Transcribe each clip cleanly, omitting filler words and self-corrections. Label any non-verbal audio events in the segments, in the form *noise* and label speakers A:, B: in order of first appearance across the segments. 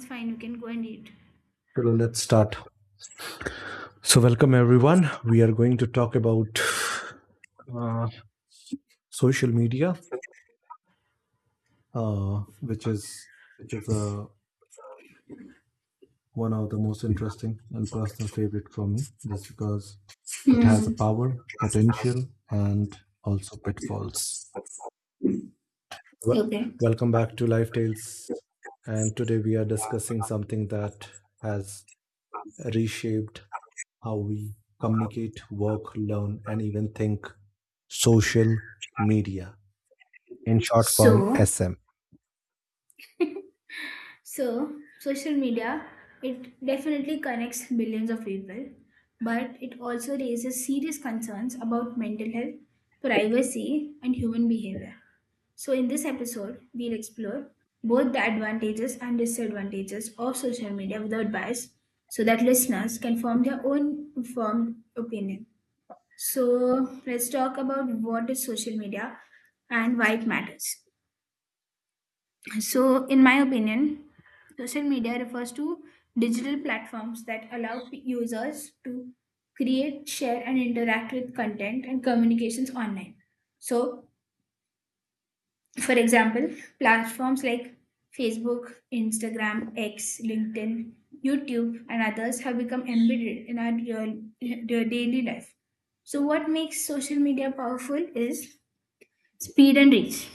A: It's fine, you can go and eat.
B: So let's start. So welcome everyone. We are going to talk about uh, social media, uh, which is which is one of the most interesting and personal favorite for me, just because it has a
A: Hmm.
B: power, potential, and also pitfalls. Well,
A: Okay.
B: welcome back to Life Tales, and today we are discussing something that has reshaped how we communicate, work, learn, and even think: social media in short form
A: So,
B: SM.
A: So, social media, it definitely connects billions of people, but it also raises serious concerns about mental health, privacy, and human behavior. So, in this episode, we'll explore both the advantages and disadvantages of social media without bias so that listeners can form their own informed opinion. So let's talk about what is social media and why it matters. So, in my opinion, social media refers to digital platforms that allow users to create, share, and interact with content and communications online. So, for example, platforms like Facebook, Instagram, X, LinkedIn, YouTube, and others have become embedded in our real daily life. So, what makes social media powerful is speed and reach.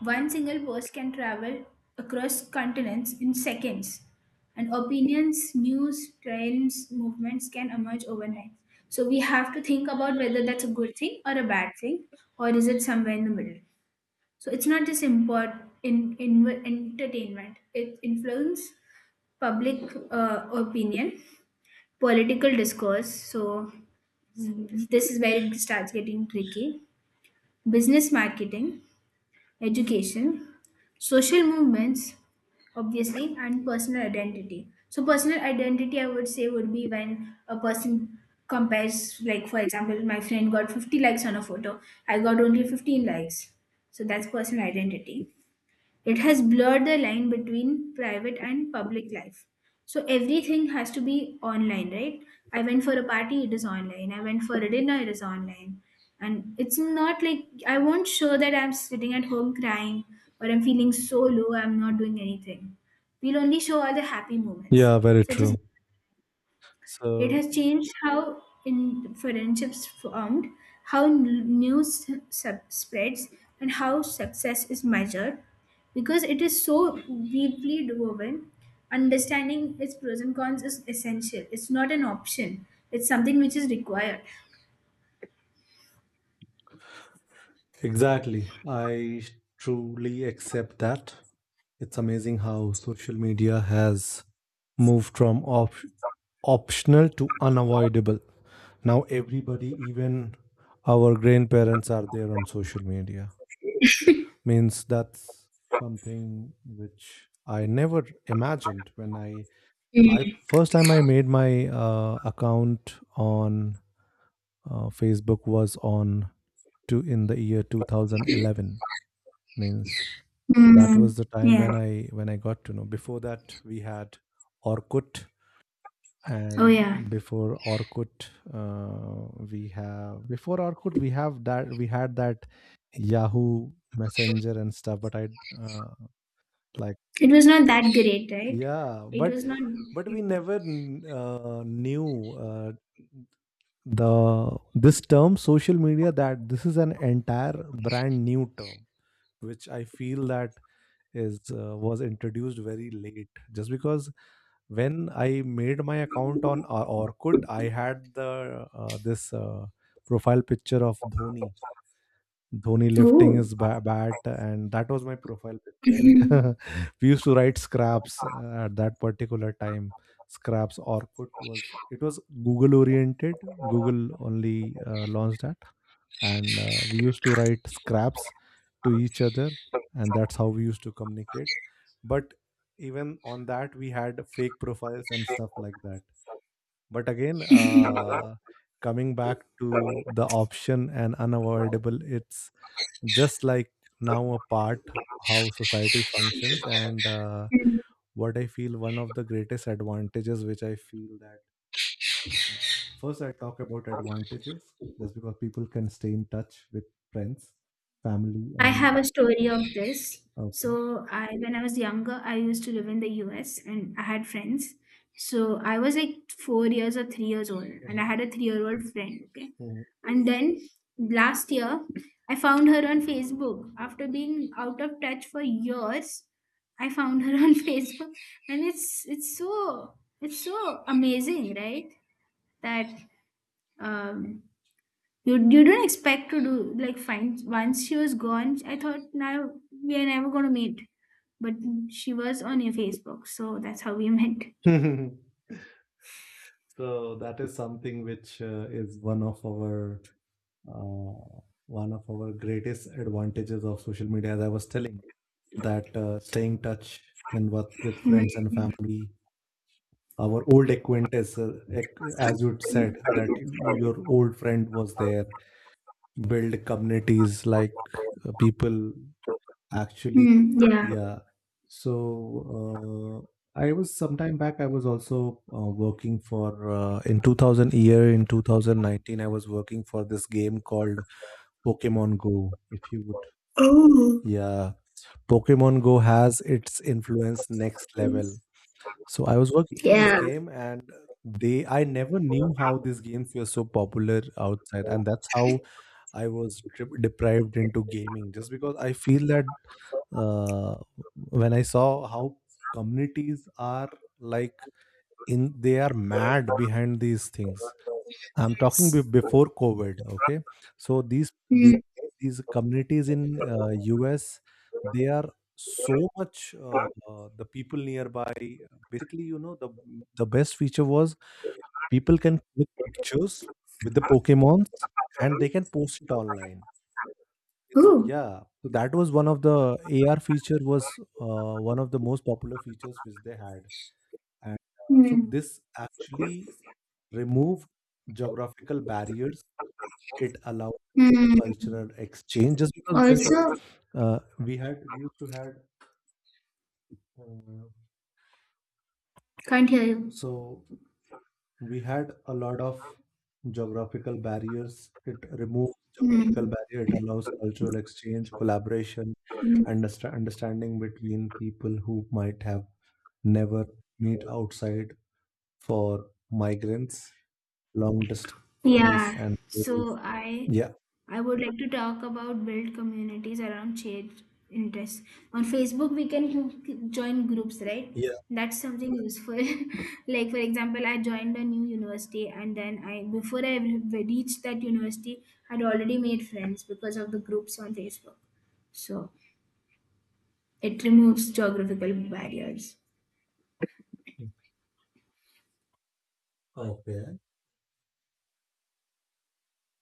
A: One single post can travel across continents in seconds, and opinions, news, trends, movements can emerge overnight. So we have to think about whether that's a good thing or a bad thing, or is it somewhere in the middle. So it's not just in entertainment; it influences public opinion, political discourse. So this is where it starts getting tricky. Business marketing education, social movements, obviously, and personal identity. So, personal identity, I would say, would be when a person compares, like, for example, my friend got 50 likes on a photo, I got only 15 likes. So, that's personal identity. It has blurred the line between private and public life. So everything has to be online, right? I went for a party, it is online. I went for a dinner, it is online. And it's not like I won't show that I'm sitting at home crying or I'm feeling so low, I'm not doing anything. We'll only show all the happy moments.
B: Yeah, very
A: So it is.
B: true.
A: It
B: So
A: has changed how in friendships formed, how news spreads, and how success is measured. Because it is so deeply woven, understanding its pros and cons is essential. It's not an option. It's something which is required.
B: exactly. I truly accept that. It's amazing how social media has moved from optional to unavoidable. Now everybody, even our grandparents, are there on social media. Means that's something which I never imagined when I first time I made my account on Facebook was on to in the year 2011. Means that was
A: Mm,
B: the time
A: yeah.
B: when I got to know. Before that we had Orkut,
A: Oh yeah,
B: and before Orkut we had that yahoo messenger and stuff, but I uh, like
A: it was not that great, right?
B: yeah
A: It was not.
B: but we never knew the this term social media, that this is an entire brand new term which I feel that is was introduced very late, just because when I made my account on Orkut, I had the this profile picture of Dhoni. Dhoni lifting
A: Oh.
B: his bat, and that was my profile picture. *laughs* We used to write scraps at that particular time. Scraps. Orkut was it was Google oriented. Google only launched that, and we used to write scraps to each other, and that's how we used to communicate. But even on that we had fake profiles and stuff like that. But again, coming back to the option and unavoidable, it's just like now a part how society functions, and
A: *laughs*
B: what I feel one of the greatest advantages which I feel that first, I talk about advantages, just because people can stay in touch with friends, family,
A: I
B: and
A: have a story of this.
B: okay.
A: So I when I was younger, I used to live in the US and I had friends. So I was like 4 years or 3 years old, and I
B: Mhm,
A: had a three-year-old friend. Okay.
B: mhm.
A: And then last year, I found her on Facebook. After being out of touch for years, I found her *laughs* on Facebook. And it's so amazing, right? That um you didn't expect to do, like, find once she was gone. I thought now we are never gonna meet, but she was on your Facebook, so that's how we *laughs* met.
B: *laughs* So that is something which is uh, one of our greatest advantages of social media. As I was telling, that staying in touch and with,
A: Hmm.
B: friends and family, our old acquaintances, as you said, that your old friend was there, build communities like people actually.
A: Hmm. Yeah.
B: Yeah, so I was sometime back, I was also working for in 2000 year in 2019, I was working for this game called Pokemon Go, if you would.
A: Oh,
B: Yeah, Pokemon Go has its influence next level. So I was working for this
A: yeah.
B: game, and they I never knew how these games were so popular outside, and that's how I was deprived into gaming. Just because I feel that uh, when I saw how communities are, like they are mad behind these things. I'm talking
A: Yes.
B: before COVID. Okay, so
A: Hmm.
B: these communities in US, they are so much the people nearby. Basically, you know the best feature was people can click pictures with the Pokemons, and they can post it online.
A: Oh.
B: Yeah, so that was one of the AR feature was one of the most popular features which they had, and
A: Hmm.
B: so this actually removed geographical barriers. It allowed
A: Hmm.
B: cultural exchange, just because when
A: Also,
B: we had we used to had uh,
A: can't hear you.
B: so we had a lot of geographical barriers, it removes geographical
A: Hmm.
B: barrier, it allows cultural exchange, collaboration,
A: Hmm.
B: understanding between people who might have never meet outside, for migrants, long distance families,
A: Yeah,
B: and global.
A: so I
B: Yeah,
A: I would like to talk about build communities around shared interests. On Facebook, we can *laughs* join groups, right? That's something useful. *laughs* Like for example, I joined a new university, and then I before I reached that university, I'd already made friends because of the groups on Facebook. So it removes geographical barriers.
B: yeah, okay,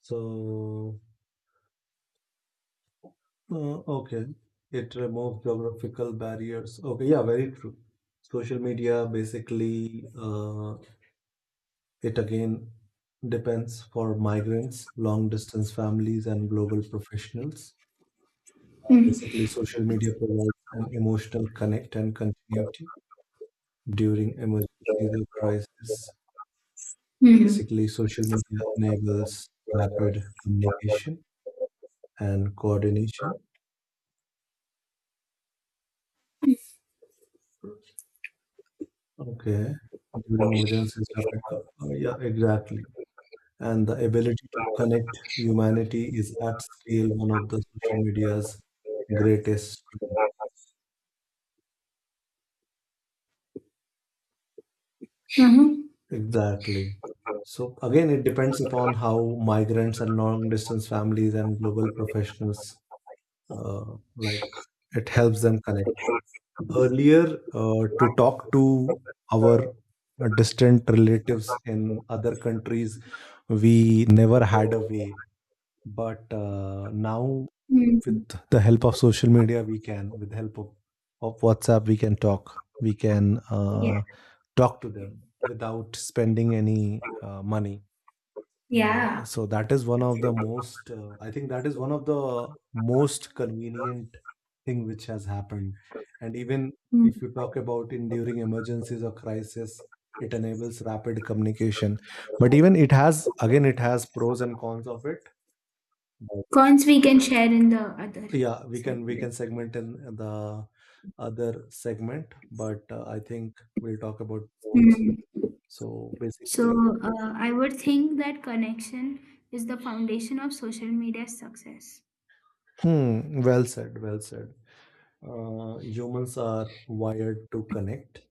B: so okay. It removes geographical barriers. Okay, yeah, very true. Social media basically, it again depends, for migrants, long distance families, and global professionals.
A: Mm-hmm.
B: Basically, social media provides an emotional connect and continuity during emergencies or crisis. Basically, social media enables rapid communication and coordination. Okay. During emergencies, rapid yeah, exactly. And the ability to connect humanity is at scale one of the social media's greatest strength.
A: Mm-hmm.
B: Exactly. So again, it depends upon how migrants and long-distance families and global professionals, uh, like it helps them connect. Earlier, to talk to our distant relatives in other countries, we never had a way. But now,
A: Mm-hmm.
B: with the help of social media, we can, with the help of WhatsApp, we can talk. We can
A: Yeah.
B: talk to them without spending any money.
A: Yeah.
B: So that is one of the most, I think that is one of the most convenient thing which has happened. And even if you talk about in during emergencies or crisis, it enables rapid communication. But even it has pros and cons of it.
A: Cons we can share in the other
B: Yeah, we
A: segment.
B: can segment in the other segment, but I think we'll talk about drones.
A: Mm.
B: So basically,
A: So, I would think that connection is the foundation of social media success.
B: well said, well said. Humans are wired to connect.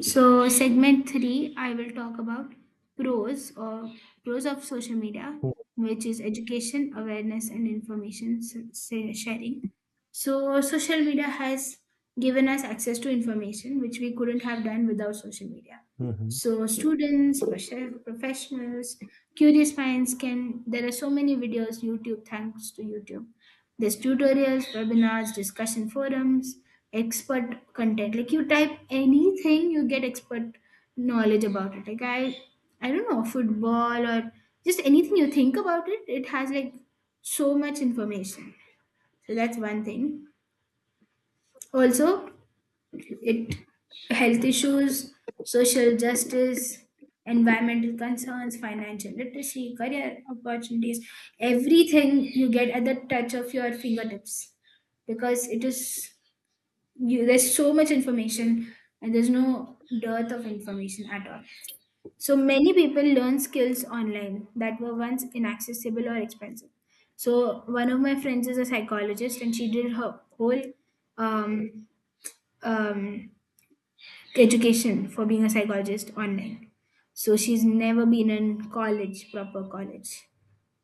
A: So, segment three, I will talk about pros or pros of social media, which is education, awareness, and information sharing. So, social media has given us access to information which we couldn't have done without social media.
B: Mhm.
A: So, students, professionals, curious minds can. There are so many videos YouTube, thanks to YouTube. There's tutorials, webinars, discussion forums, expert content. Like you type anything, you get expert knowledge about it. Like I don't know, football or just anything you think about it. It has like so much information. So that's one thing. Also, it health issues, social justice, environmental concerns, financial literacy, career opportunities, everything you get at the touch of your fingertips because it is, you, there's so much information and there's no dearth of information at all. So many people learn skills online that were once inaccessible or expensive. So one of my friends is a psychologist and she did her whole um, um, education for being a psychologist online. So she's never been in college, proper college.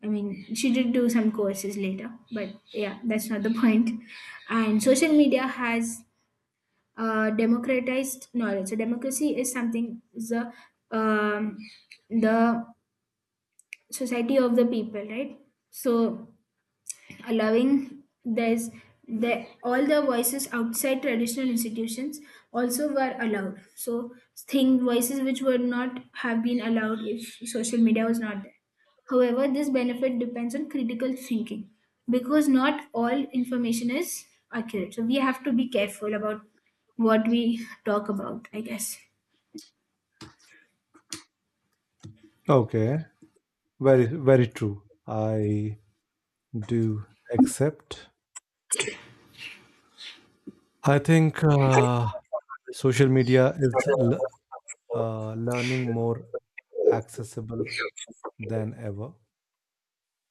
A: I mean, she did do some courses later, but yeah, that's not the *laughs* point. And social media has democratized knowledge. So democracy is um, the society of the people, right? So, allowing this the all the voices outside traditional institutions also were allowed, so thing voices which would not have been allowed if social media was not there. However, this benefit depends on critical thinking because not all information is accurate. So we have to be careful about what we talk about, I guess.
B: Okay, very very true. I do accept. I think social media is learning more accessible than ever.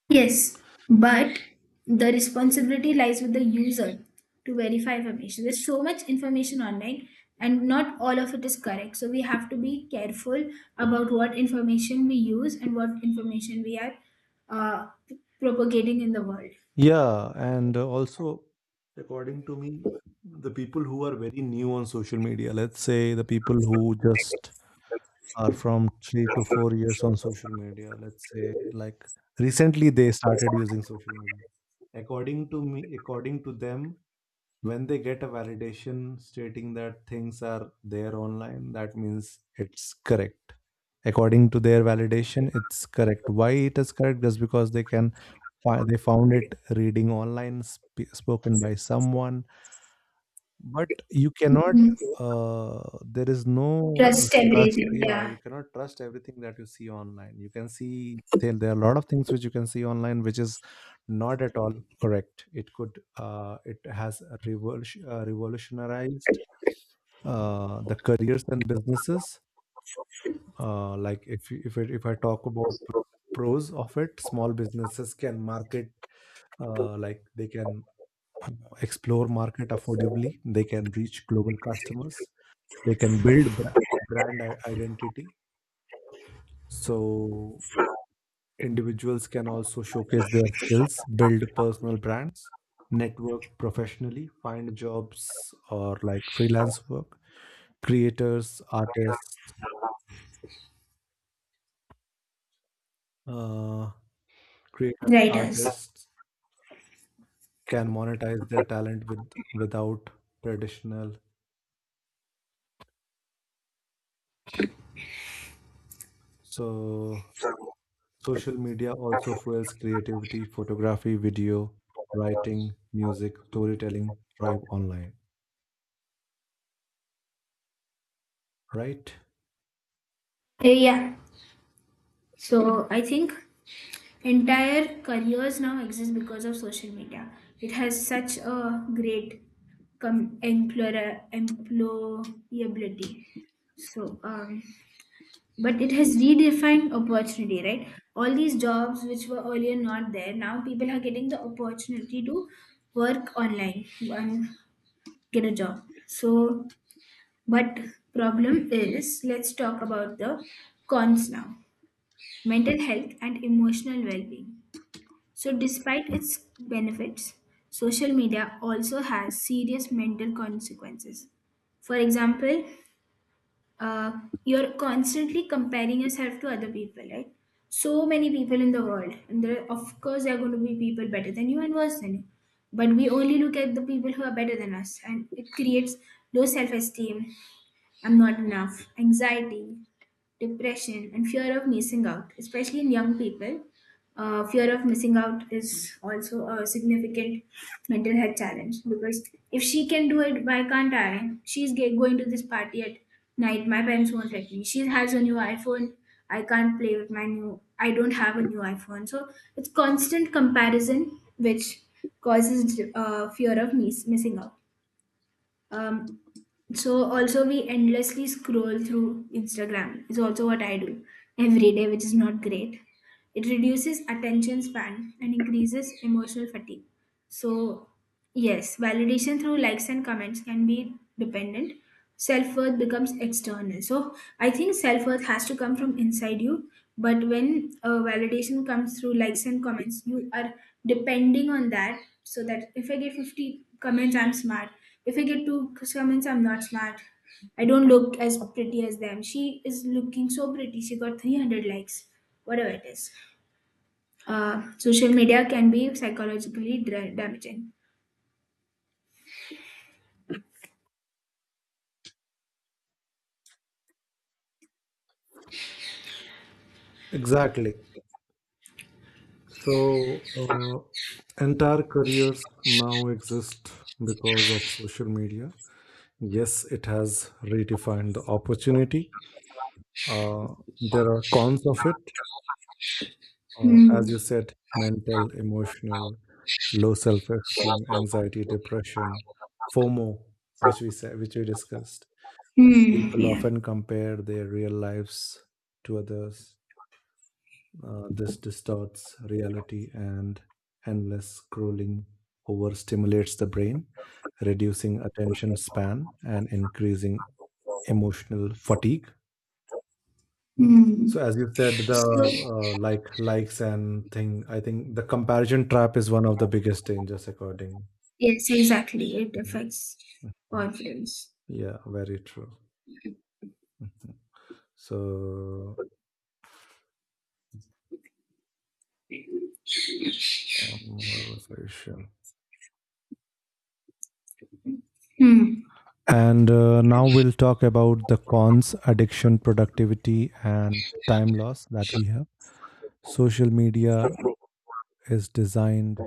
A: Yes, but the responsibility lies with the user to verify information. There's so much information online, and not all of it is correct. So we have to be careful about what information we use and what information we are uh, propagating in the world.
B: Yeah, and also, according to me, the people who are very new on social media, let's say the people who just are from 3 to 4 years on social media, let's say like recently they started using social media. According to me, according to them, when they get a validation stating that things are there online, that means it's correct. According to their validation, it's correct. Why it is correct? Just because they can they found it reading online, spoken by someone. But you cannot,
A: Mhm.
B: there is no
A: Trust
B: trust.
A: everything.
B: Yeah,
A: Yeah,
B: you cannot trust everything that you see online. You can see there are a lot of things which you can see online which is not at all correct. It it has revolutionized the careers and businesses. Like if you- if it, if I talk about pros of it, small businesses can market, they can uh, explore market affordably, they can reach global customers, they can build brand I identity. So individuals can also showcase their skills, build personal brands, network professionally, find jobs or like freelance work. Creators, artists, uh, Creators,
A: writers.
B: artists can monetize their talent without traditional. So social media also fuels creativity, photography, video, writing, music, storytelling, thrive online. Right,
A: Yeah. So I think entire careers now exist because of social media. It has such a great employability. So, but it has redefined opportunity, right? All these jobs which were earlier not there, now people are getting the opportunity to work online and get a job. So, but problem is, let's talk about the cons now. Mental health and emotional well-being. So, despite its benefits, social media also has serious mental consequences. For example, uh, you're constantly comparing yourself to other people, right? So many people in the world, and there, of course, there are going to be people better than you and worse than you. But we only look at the people who are better than us, and it creates low self esteem, I'm not enough, anxiety, depression, and fear of missing out, especially in young people. Fear of missing out is also a significant mental health challenge because if she can do it, why can't I? She's going to this party at night. My parents won't let me. She has a new iPhone. I can't play with my new. I don't have a new iPhone. So it's constant comparison, which causes fear of missing out. Um, so also we endlessly scroll through Instagram is also what I do every day, which is not great. It reduces attention span and increases emotional fatigue. So, yes, validation through likes and comments can be dependent. Self worth becomes external. So I think self worth has to come from inside you. But when validation comes through likes and comments, you are depending on that. So that if I get 50 comments, I'm smart. If I get two comments, I'm not smart. I don't look as pretty as them. She is looking so pretty. She got 300 likes, whatever it is. Social media can be psychologically damaging.
B: exactly. So entire careers now exist because of social media. Yes, it has redefined the opportunity. uh, there are cons of it,
A: Hmm.
B: as you said: mental, emotional, low self-esteem, anxiety, depression, FOMO, which we discussed.
A: Mm,
B: People
A: yeah.
B: often compare their real lives to others. This distorts reality, and endless scrolling overstimulates the brain, reducing attention span and increasing emotional fatigue. So,
A: Mm.
B: as you said, the
A: So,
B: like likes and thing, I think the comparison trap is one of the biggest dangers, according.
A: yes, exactly. It
B: Mhm.
A: affects confidence.
B: Yeah, very true. So, um, sure.
A: Hmm.
B: And now we'll talk about the cons: addiction, productivity, and time loss that we have. Social media is designed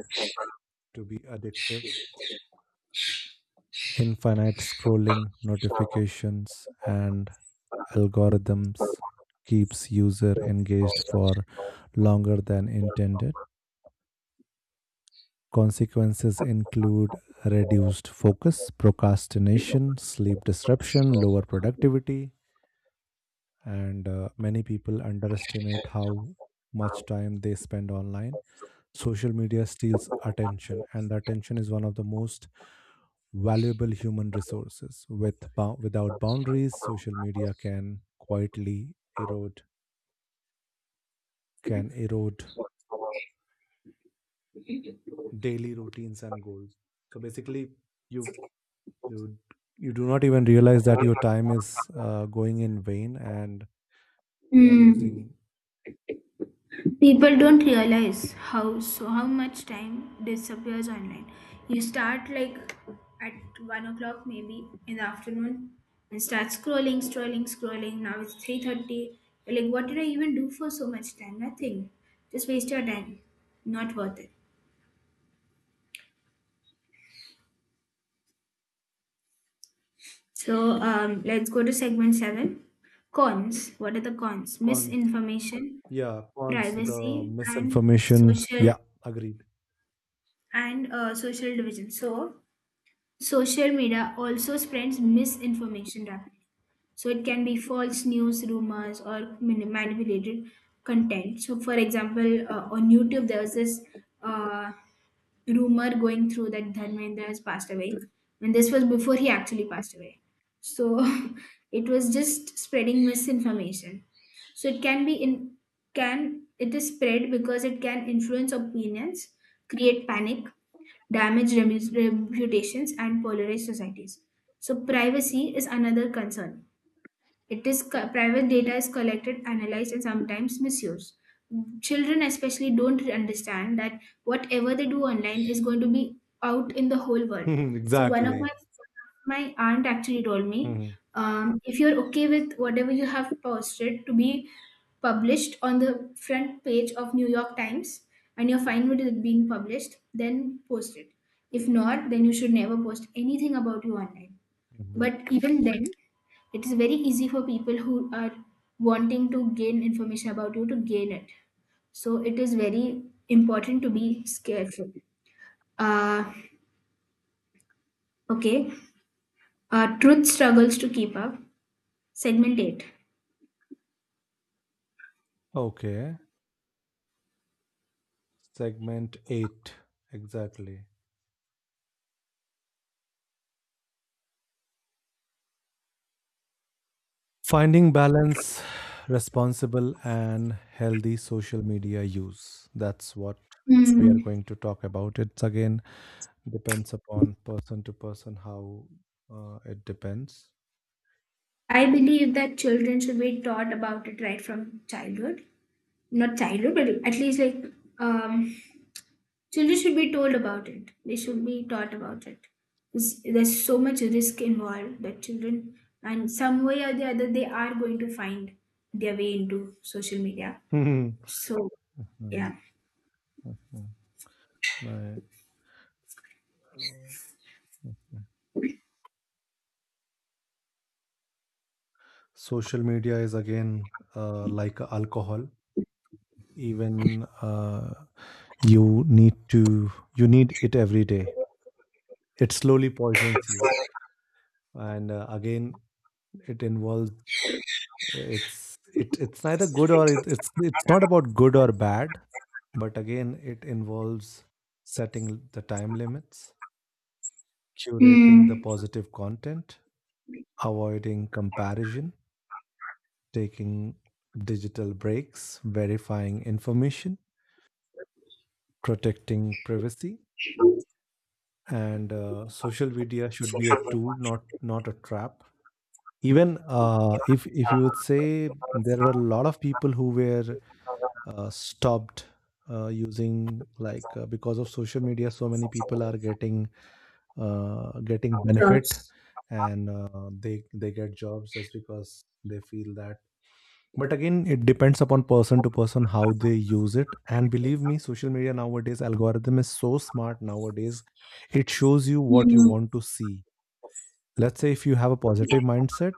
B: to be addictive. Infinite scrolling, notifications, and algorithms keeps user engaged for longer than intended. Consequences include reduced focus, procrastination, sleep disruption, lower productivity, and many people underestimate how much time they spend online. Social media steals attention, and the attention is one of the most valuable human resources. With without boundaries, social media can quietly erode can erode daily routines and goals. So basically, you you you do not even realize that your time is going in vain, and you are losing.
A: Mm. People don't realize how much time disappears online. You start like at 1 o'clock maybe in the afternoon and start scrolling, scrolling, scrolling. Now it's 3:30. Like, what did I even do for so much time? Nothing. Just waste your time. Not worth it. So, let's go to segment seven. Cons. What are the cons?
B: Cons,
A: Misinformation,
B: yeah, cons, the
A: privacy, and
B: misinformation, yeah, agreed.
A: social division. So
B: *laughs*
A: social media also spreads misinformation rapidly. So it can be false news, rumors, or manipulated content. So, for example, on YouTube, there was this uh, rumor going through that Dharmendra has passed away, and this was before he actually passed away. So *laughs* it was just spreading misinformation. So, it can be in, can, it is spread because it can influence opinions, create panic, damage reputations, and polarize societies. So privacy is another concern. It is, private data is collected, analyzed, and sometimes misused. Children especially don't understand that whatever they do online is going to be out in the whole world.
B: Mhm,
A: So one of my
B: exactly.
A: my aunt actually told me,
B: Mhm,
A: if you're okay with whatever you have posted to be published on the front page of New York Times and you're fine with it being published, then post it. If not, then you should never post anything about you online.
B: mhm.
A: But even then, it is very easy for people who are wanting to gain information about you to gain it. So it is very important to be careful. Uh, okay. Truth struggles to keep up. Segment 8.
B: Okay, segment 8, exactly. Finding balance, responsible and healthy social media use. That's what we are
A: Hmm.
B: going to talk about. It's again depends upon person to person how, it depends.
A: I believe that children should be taught about it right from childhood. Not childhood, but at least like, um, children should be told about it. They should be taught about it. 'Cause there's so much risk involved that children, and some way or the other, they are going to find their way into social media.
B: Mhm.
A: So
B: Mhm.
A: yeah.
B: Mhm. Right. Mhm. Social media is again like alcohol. Even uh, you need to you need it every day. It slowly poisons you, and again it involves it's it's neither good or it's not about good or bad, but again it involves setting the time limits, curating the
A: Mm,
B: positive content, avoiding comparison, taking digital breaks, verifying information, protecting privacy, and social media should be a tool, not a trap. Even if you would say, there were a lot of people who were stopped using like because of social media, so many people are getting getting benefit, and they get jobs just because they feel that. But again, it depends upon person to person how they use it. And believe me, social media nowadays algorithm is so smart nowadays. It shows you what you
A: mm,
B: want to see. Let's say if you have a positive mindset,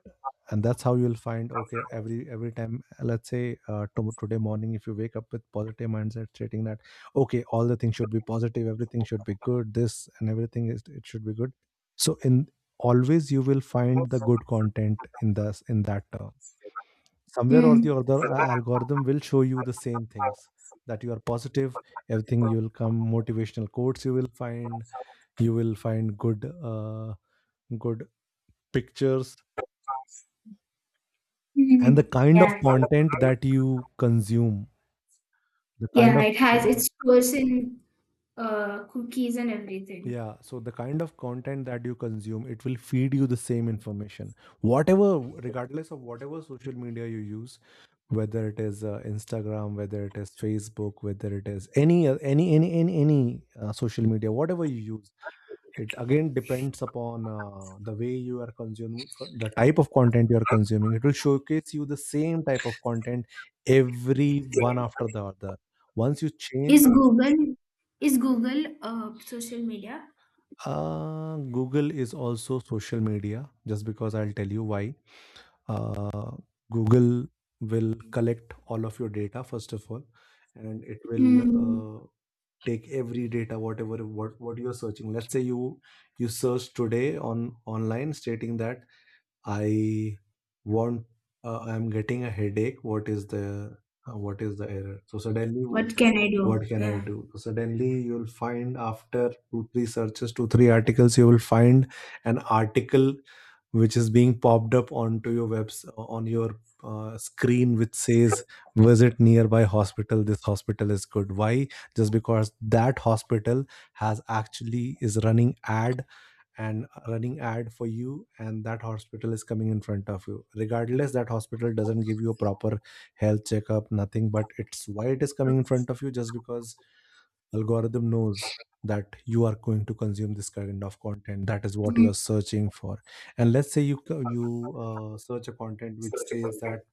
B: and that's how you'll find okay every time. Let's say today morning, if you wake up with positive mindset, stating that okay, all the things should be positive, everything should be good, this and everything is it should be good. So in always you will find the good content in this in that term somewhere or the
A: mm,
B: other algorithm will show you the same things that you are positive, everything you will come motivational quotes you will find, you will find good uh, good pictures and the
A: mm.
B: kind of
A: Yeah.
B: content that you consume, the kind
A: Yeah,
B: of
A: it has
B: uh,
A: its person, cookies and everything.
B: yeah so the kind of content that you consume it will feed you the same information whatever, regardless of whatever social media you use, whether it is Instagram, whether it is Facebook, whether it is any social media whatever you use. It again depends upon the way you are consuming, the type of content you are consuming it will showcase you the same type of content, every one after the other, once you change.
A: Is Google is Google social media?
B: Google is also social media. Just because, I'll tell you why. uh, Google will collect all of your data first of all, and it will
A: Mm,
B: take every data whatever what you're searching. Let's say you you search today on online stating that I want, I'm getting a headache. What is the error? So suddenly,
A: what can I do?
B: what can I
A: Yeah.
B: do? So suddenly you'll find after 2 3 searches, 2 3 articles you will find, an article which is being popped up onto your webs on your screen which says visit nearby hospital, this hospital is good. Why? Just because that hospital has actually is running ad and running ad for you, and that hospital is coming in front of you regardless. That hospital doesn't give you a proper health checkup, nothing, but it's why it is coming in front of you just because algorithm knows that you are going to consume this kind of content, that is what you
A: Mm,
B: are searching for. And let's say you search a content which says that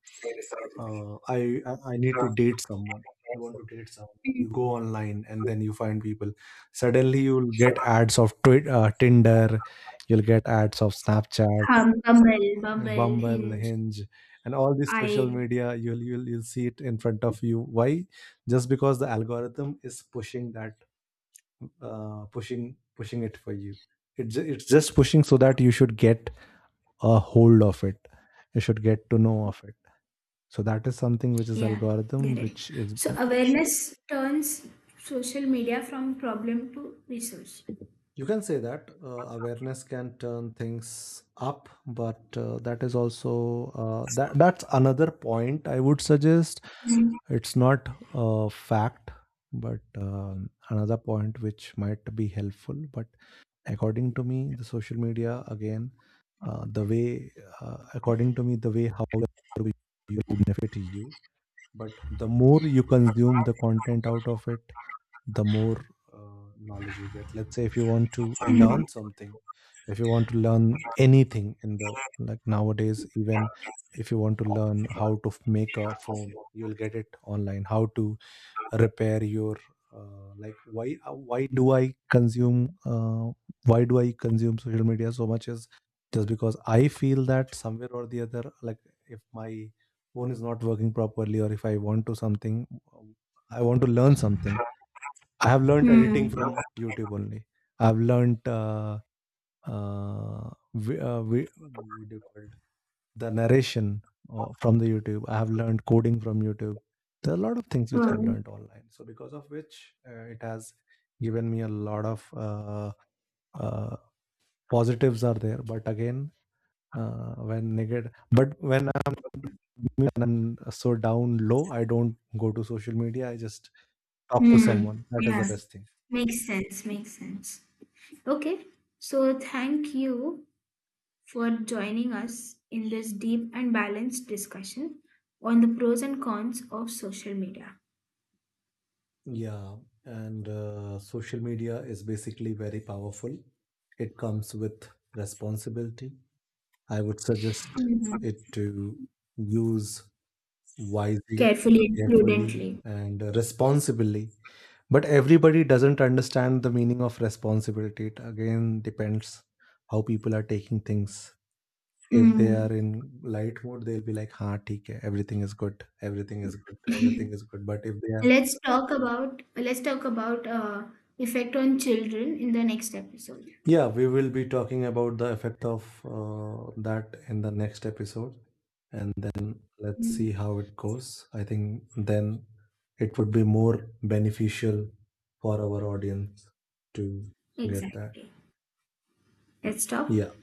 B: I need to date someone. You want to date someone.
A: mm.
B: You go online and then you find people. Suddenly you'll get ads of Twitter, Tinder. You'll get ads of Snapchat,
A: Hum, Bumble, Bumble,
B: Bumble,
A: Hinge,
B: Hinge, and all these social
A: I.
B: media. You'll see it in front of you. Why? Just because the algorithm is pushing that, pushing it for you. It's just pushing so that you should get a hold of it. You should get to know of it. So that is something which is
A: Yeah, get
B: algorithm,
A: it.
B: which is
A: So
B: being-.
A: awareness turns social media from problem to resource.
B: You can say that awareness can turn things up, but that is also that's another point I would suggest.
A: Mm,
B: It's not a fact, but another point which might be helpful. But according to me, the social media again, the way according to me, the way how you benefit you, but the more you consume the content out of it, the more knowledge you get. Let's say if you want to
A: mm,
B: learn something, if you want to learn anything in the, like nowadays, even if you want to learn how to make a phone, you'll get it online, how to repair your like. Why do I consume social media so much is just because I feel that somewhere or the other, like if my phone is not working properly, or if I want to something, I want to learn something. I have learned editing
A: mm,
B: from YouTube only. I've learned uh, vi- uh, vi- what do you call it? The narration, from the YouTube. I have learned coding from YouTube. There are a lot of things which I've
A: wow.
B: learned online. So because of which it has given me a lot of uh, positives are there. But again, when negative, but when I'm so down low, I don't go to social media. I just talk to
A: Mm.
B: someone. That is the
A: Yeah,
B: best thing.
A: makes sense, makes sense. Okay, so thank you for joining us in this deep and balanced discussion on the pros and cons of social media.
B: Yeah, and social media is basically very powerful. It comes with responsibility. I would suggest
A: Mm,
B: it to use wisely,
A: carefully and
B: carefully,
A: prudently.
B: and responsibly. But everybody doesn't understand the meaning of responsibility. It again depends how people are taking things. If they
A: Mm,
B: are in light mode, they'll be like, "Ha, theek hai, everything is good, everything is good, everything is good." But if they are.
A: let's talk about effect on children in the next episode.
B: Yeah, we will be talking about the effect of that in the next episode, and then let's see
A: Mm,
B: how it goes. I think then it would be more beneficial for our audience to get that.
A: exactly. Let's talk.
B: Yeah.